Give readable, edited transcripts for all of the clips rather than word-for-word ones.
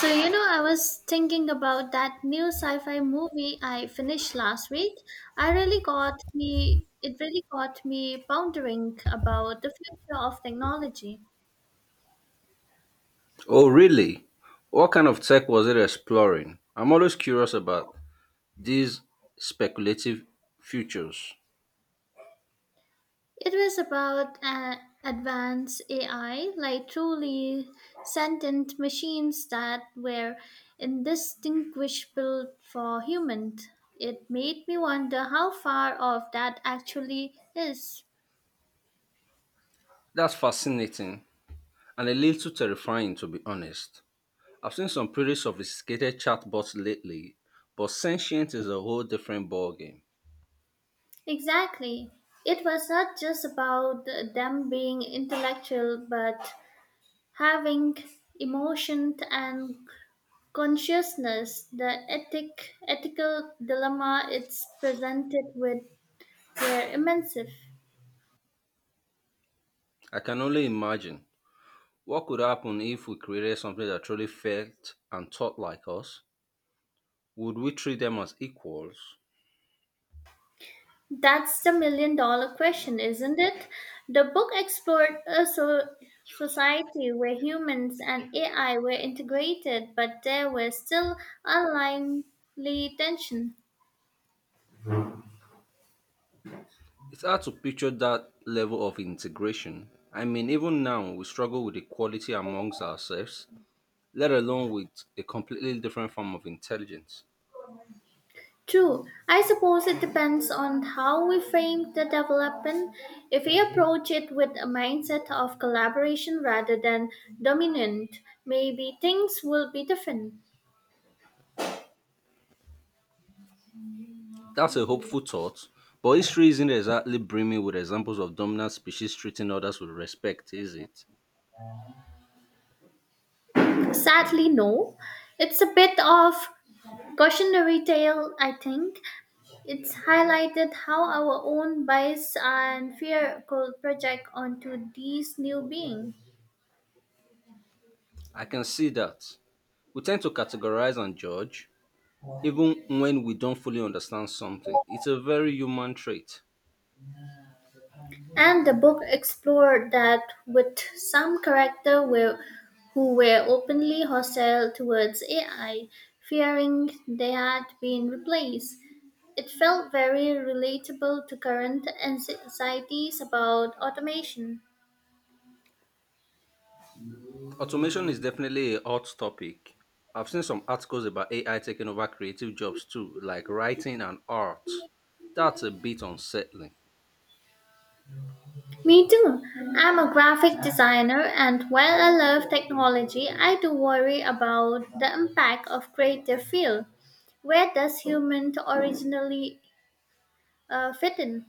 So, you know, I was thinking about that new sci fi movie I finished last week. I really got me, it really got me pondering about the future of technology. Oh, really? What kind of tech was it exploring? I'm always curious about these speculative futures. It was about advanced AI, like truly sentient machines that were indistinguishable for humans. It made me wonder how far off that actually is. That's fascinating and a little terrifying, to be honest. I've seen some pretty sophisticated chatbots lately, but sentient is a whole different ballgame. Exactly. It was not just about them being intellectual, but having emotion and consciousness. The ethical dilemma it's presented with were immense. I can only imagine what could happen if we created something that truly felt and thought like us. Would we treat them as equals? That's the million dollar question, isn't it? The book explored a society where humans and AI were integrated, but there was still unlikely tension. It's hard to picture that level of integration. I mean, even now, we struggle with equality amongst ourselves, let alone with a completely different form of intelligence. True. I suppose it depends on how we frame the development. If we approach it with a mindset of collaboration rather than dominant, maybe things will be different. That's a hopeful thought, but history isn't exactly brimming with examples of dominant species treating others with respect, is it? Sadly, no. It's a bit of cautionary tale, I think. It's highlighted how our own bias and fear could project onto these new beings. I can see that. We tend to categorize and judge, even when we don't fully understand something. It's a very human trait. And the book explored that with who were openly hostile towards AI, fearing they had been replaced. It felt very relatable to current anxieties about automation. Automation is definitely a hot topic. I've seen some articles about AI taking over creative jobs too, like writing and art. That's a bit unsettling. Me too. I'm a graphic designer, and while I love technology, I do worry about the impact of creative field. Where does human originally fit in?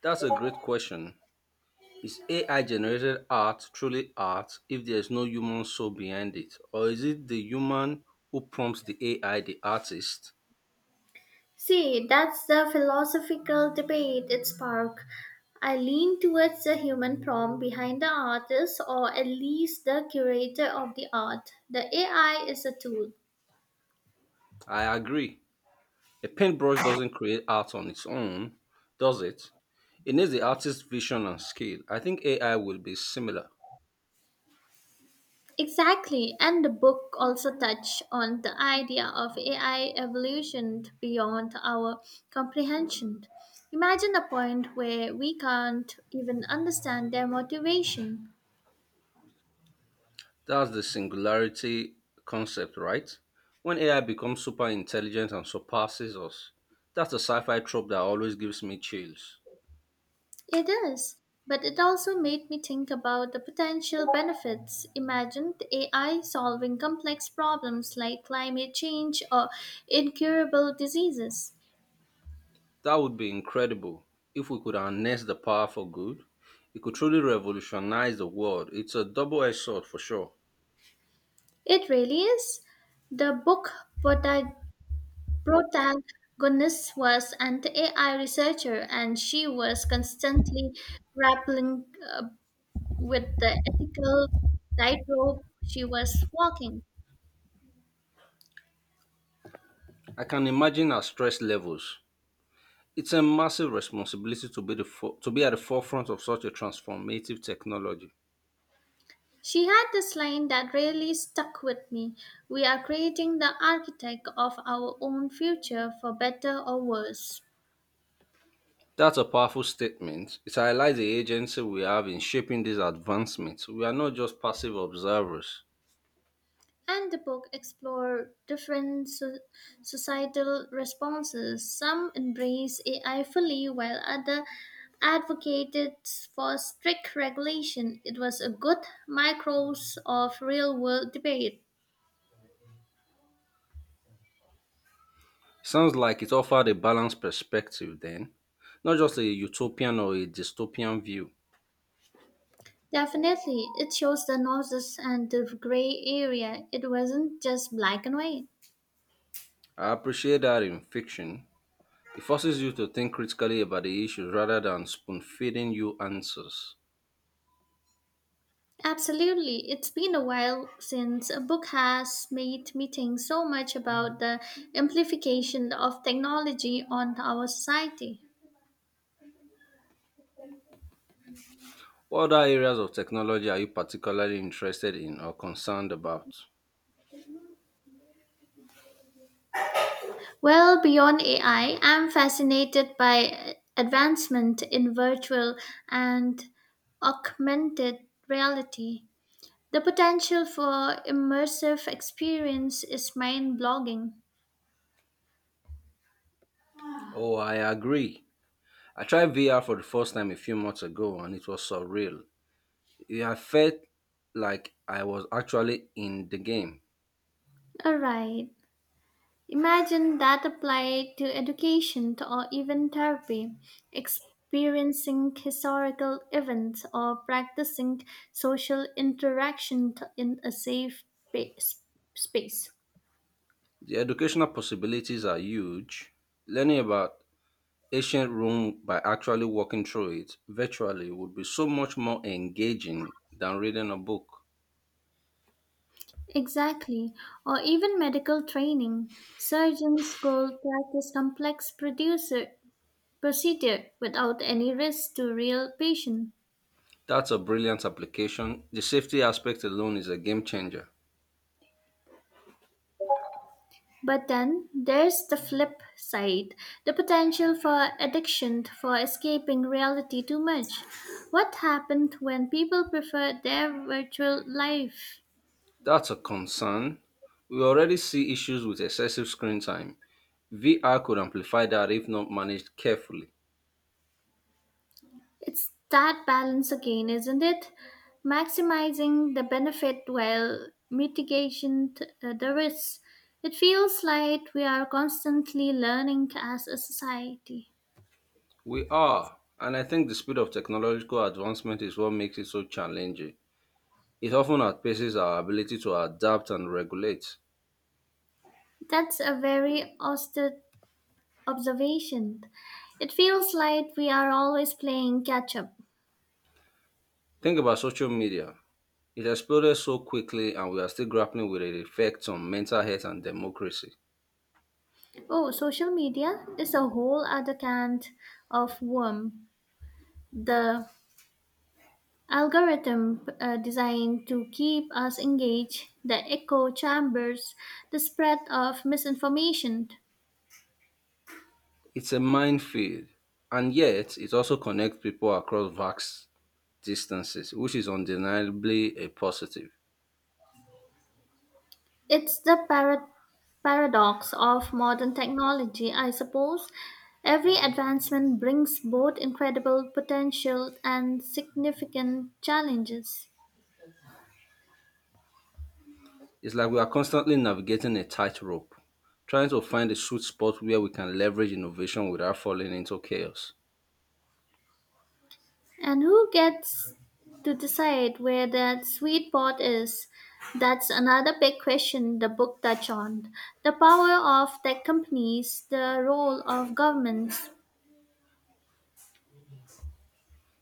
That's a great question. Is AI generated art truly art if there's no human soul behind it? Or is it the human who prompts the AI, the artist? See, that's the philosophical debate it sparked. I lean towards the human prompt behind the artist or at least the curator of the art. The AI is a tool. I agree. A paintbrush doesn't create art on its own, does it? It needs the artist's vision and skill. I think AI will be similar. Exactly, and the book also touched on the idea of AI evolution beyond our comprehension. Imagine a point where we can't even understand their motivation. That's the singularity concept, right? When AI becomes super intelligent and surpasses us. That's a sci fi trope that always gives me chills. It is, but it also made me think about the potential benefits. Imagine the AI solving complex problems like climate change or incurable diseases. That would be incredible if we could harness the power for good. It could truly revolutionize the world. It's a double edged sword for sure. It really is. The book prota- protagonist was an AI researcher, and she was constantly grappling uh, with the ethical tightrope she was walking. I can imagine our stress levels. It's a massive responsibility to be, to be at the forefront of such a transformative technology. She had this line that really stuck with me. We are creating the architect of our own future for better or worse. That's a powerful statement. It highlights the agency we have in shaping these advancements. We are not just passive observers. And the book explored different societal responses. Some embrace AI fully, while others advocated for strict regulation. It was a good micros of real world debate. Sounds like it offered a balanced perspective, then, not just a utopian or a dystopian view. Definitely, it shows the nuances and the gray area. It wasn't just black and white. I appreciate that in fiction, it forces you to think critically about the issues rather than spoon feeding you answers. Absolutely. It's been a while since a book has made me think so much about the amplification of technology on our society. What other areas of technology are you particularly interested in or concerned about? Well, beyond AI, I'm fascinated by advancement in virtual and augmented reality. The potential for immersive experience is mind-blogging. Oh, I agree. I tried VR for the first time a few months ago and it was surreal. Yeah, I felt like I was actually in the game. All right. Imagine that applied to education or even therapy, experiencing historical events or practicing social interaction in a safe base- space. The educational possibilities are huge. Learning about ancient Rome by actually walking through it virtually would be so much more engaging than reading a book. Exactly, or even medical training. Surgeons could practice complex producer procedure without any risk to real patient. That's a brilliant application. The safety aspect alone is a game changer. But then there's the flip side the potential for addiction, for escaping reality too much. What happened when people prefer their virtual life? That's a concern. We already see issues with excessive screen time. VR could amplify that if not managed carefully. It's that balance again, isn't it? Maximizing the benefit while the risks. It feels like we are constantly learning as a society. We are, and I think the speed of technological advancement is what makes it so challenging. It often outpaces our ability to adapt and regulate. That's a very austere observation. It feels like we are always playing catch up. Think about social media. It exploded so quickly, and we are still grappling with its effects on mental health and democracy. Oh, social media is a whole other can of worm. The algorithm designed to keep us engaged, the echo chambers, the spread of misinformation. It's a minefield, and yet it also connects people across vast distances, which is undeniably a positive. It's the parrot paradox of modern technology, I suppose. Every advancement brings both incredible potential and significant challenges. It's like we are constantly navigating a tightrope, trying to find a sweet spot where we can leverage innovation without falling into chaos. And who gets to decide where that sweet spot is? That's another big question the book touch on. The power of tech companies, the role of governments.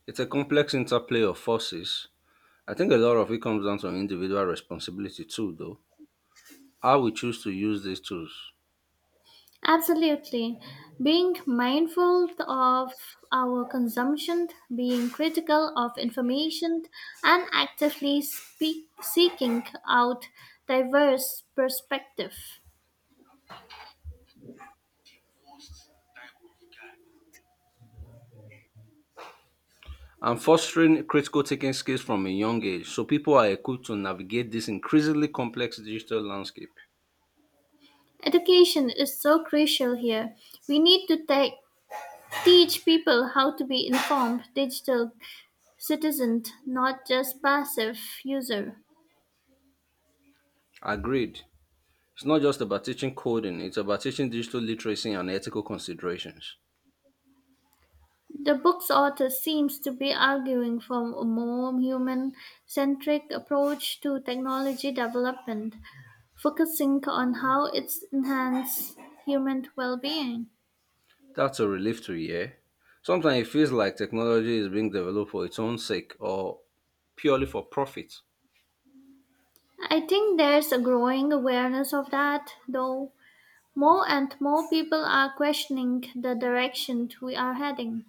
It's a complex interplay of forces. I think a lot of it comes down to individual responsibility too, though. How we choose to use these tools. Absolutely. Being mindful of our consumption, being critical of information, and seeking out diverse perspectives. I'm fostering critical thinking skills from a young age so people are equipped to navigate this increasingly complex digital landscape. Education is so crucial here. We need to take Teach people how to be informed digital citizens, not just passive user. Agreed. It's not just about teaching coding, it's about teaching digital literacy and ethical considerations. The book's author seems to be arguing for a more human-centric approach to technology development, focusing on how it's enhanced human well-being. That's a relief to hear. Sometimes it feels like technology is being developed for its own sake or purely for profit. I think there's a growing awareness of that, though. More and more people are questioning the direction we are heading.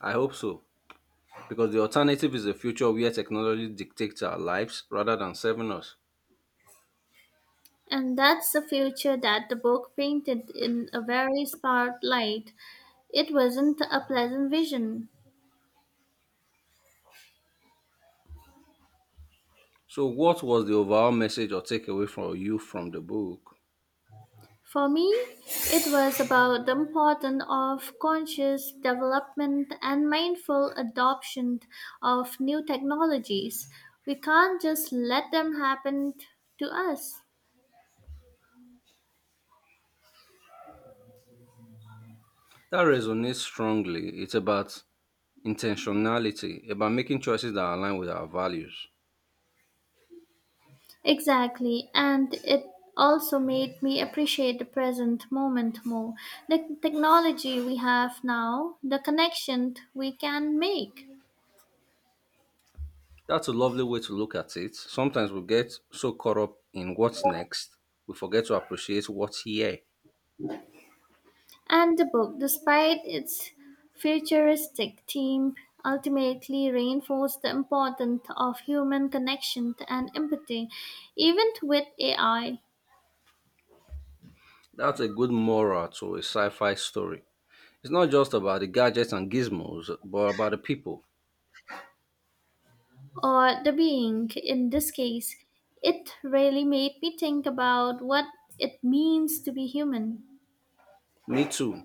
I hope so, because the alternative is a future where technology dictates our lives rather than serving us. And that's the future that the book painted in a very stark light. It wasn't a pleasant vision. So, what was the overall message or takeaway from you from the book? For me, it was about the importance of conscious development and mindful adoption of new technologies. We can't just let them happen to us. That resonates strongly. It's about intentionality, about making choices that align with our values. Exactly, and it also made me appreciate the present moment more. The technology we have now, the connection we can make, That's a lovely way to look at it. Sometimes we get so caught up in what's next, we forget to appreciate what's here. and the book, despite its futuristic theme, ultimately reinforced the importance of human connection and empathy, even with AI That's a good moral to a sci fi story. It's not just about the gadgets and gizmos, but about the people. or the being in this case. It really made me think about what it means to be human. Me too.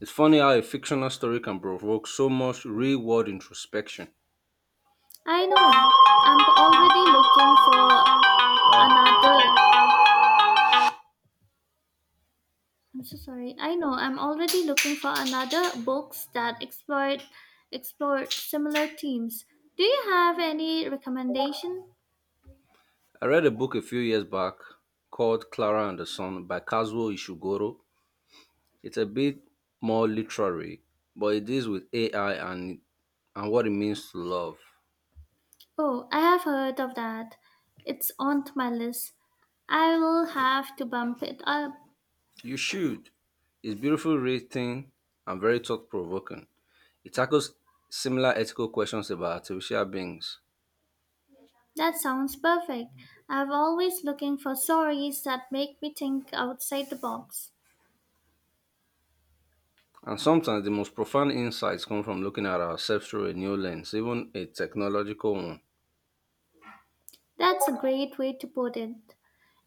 It's funny how a fictional story can provoke so much real world introspection. I know. I'm already looking Ah, for another. I'm so sorry. I know. I'm already looking for another books that explore similar themes. Do you have any recommendation? I read a book a few years back called Clara and the Sun by Kazuo Ishiguro. It's a bit more literary, but it deals with AI and what it means to love. Oh, I have heard of that. It's on my list. I will have to bump it up. You should. It's beautifully written and very thought provoking. It tackles similar ethical questions about artificial beings. That sounds perfect. I'm always looking for stories that make me think outside the box. And sometimes the most profound insights come from looking at ourselves through a new lens, even a technological one. That's a great way to put it.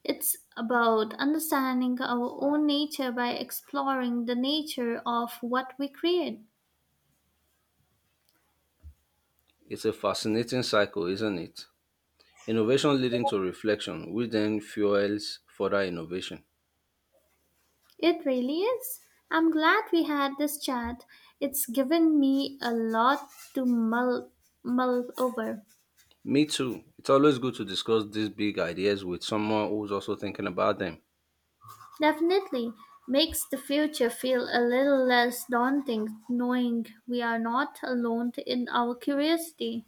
It's about understanding our own nature by exploring the nature of what we create. It's a fascinating cycle, isn't it? Innovation leading to reflection, which then fuels further innovation. It really is. I'm glad we had this chat. It's given me a lot to mull over. Me too. It's always good to discuss these big ideas with someone who's also thinking about them Definitely makes the future feel a little less daunting knowing we are not alone in our curiosity.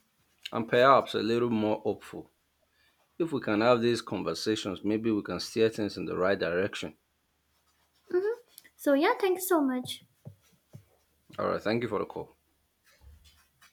and perhaps a little more hopeful. If we can have these conversations, maybe we can steer things in the right direction. Mhm. So, yeah, thank you so much. All right. Thank you for the call.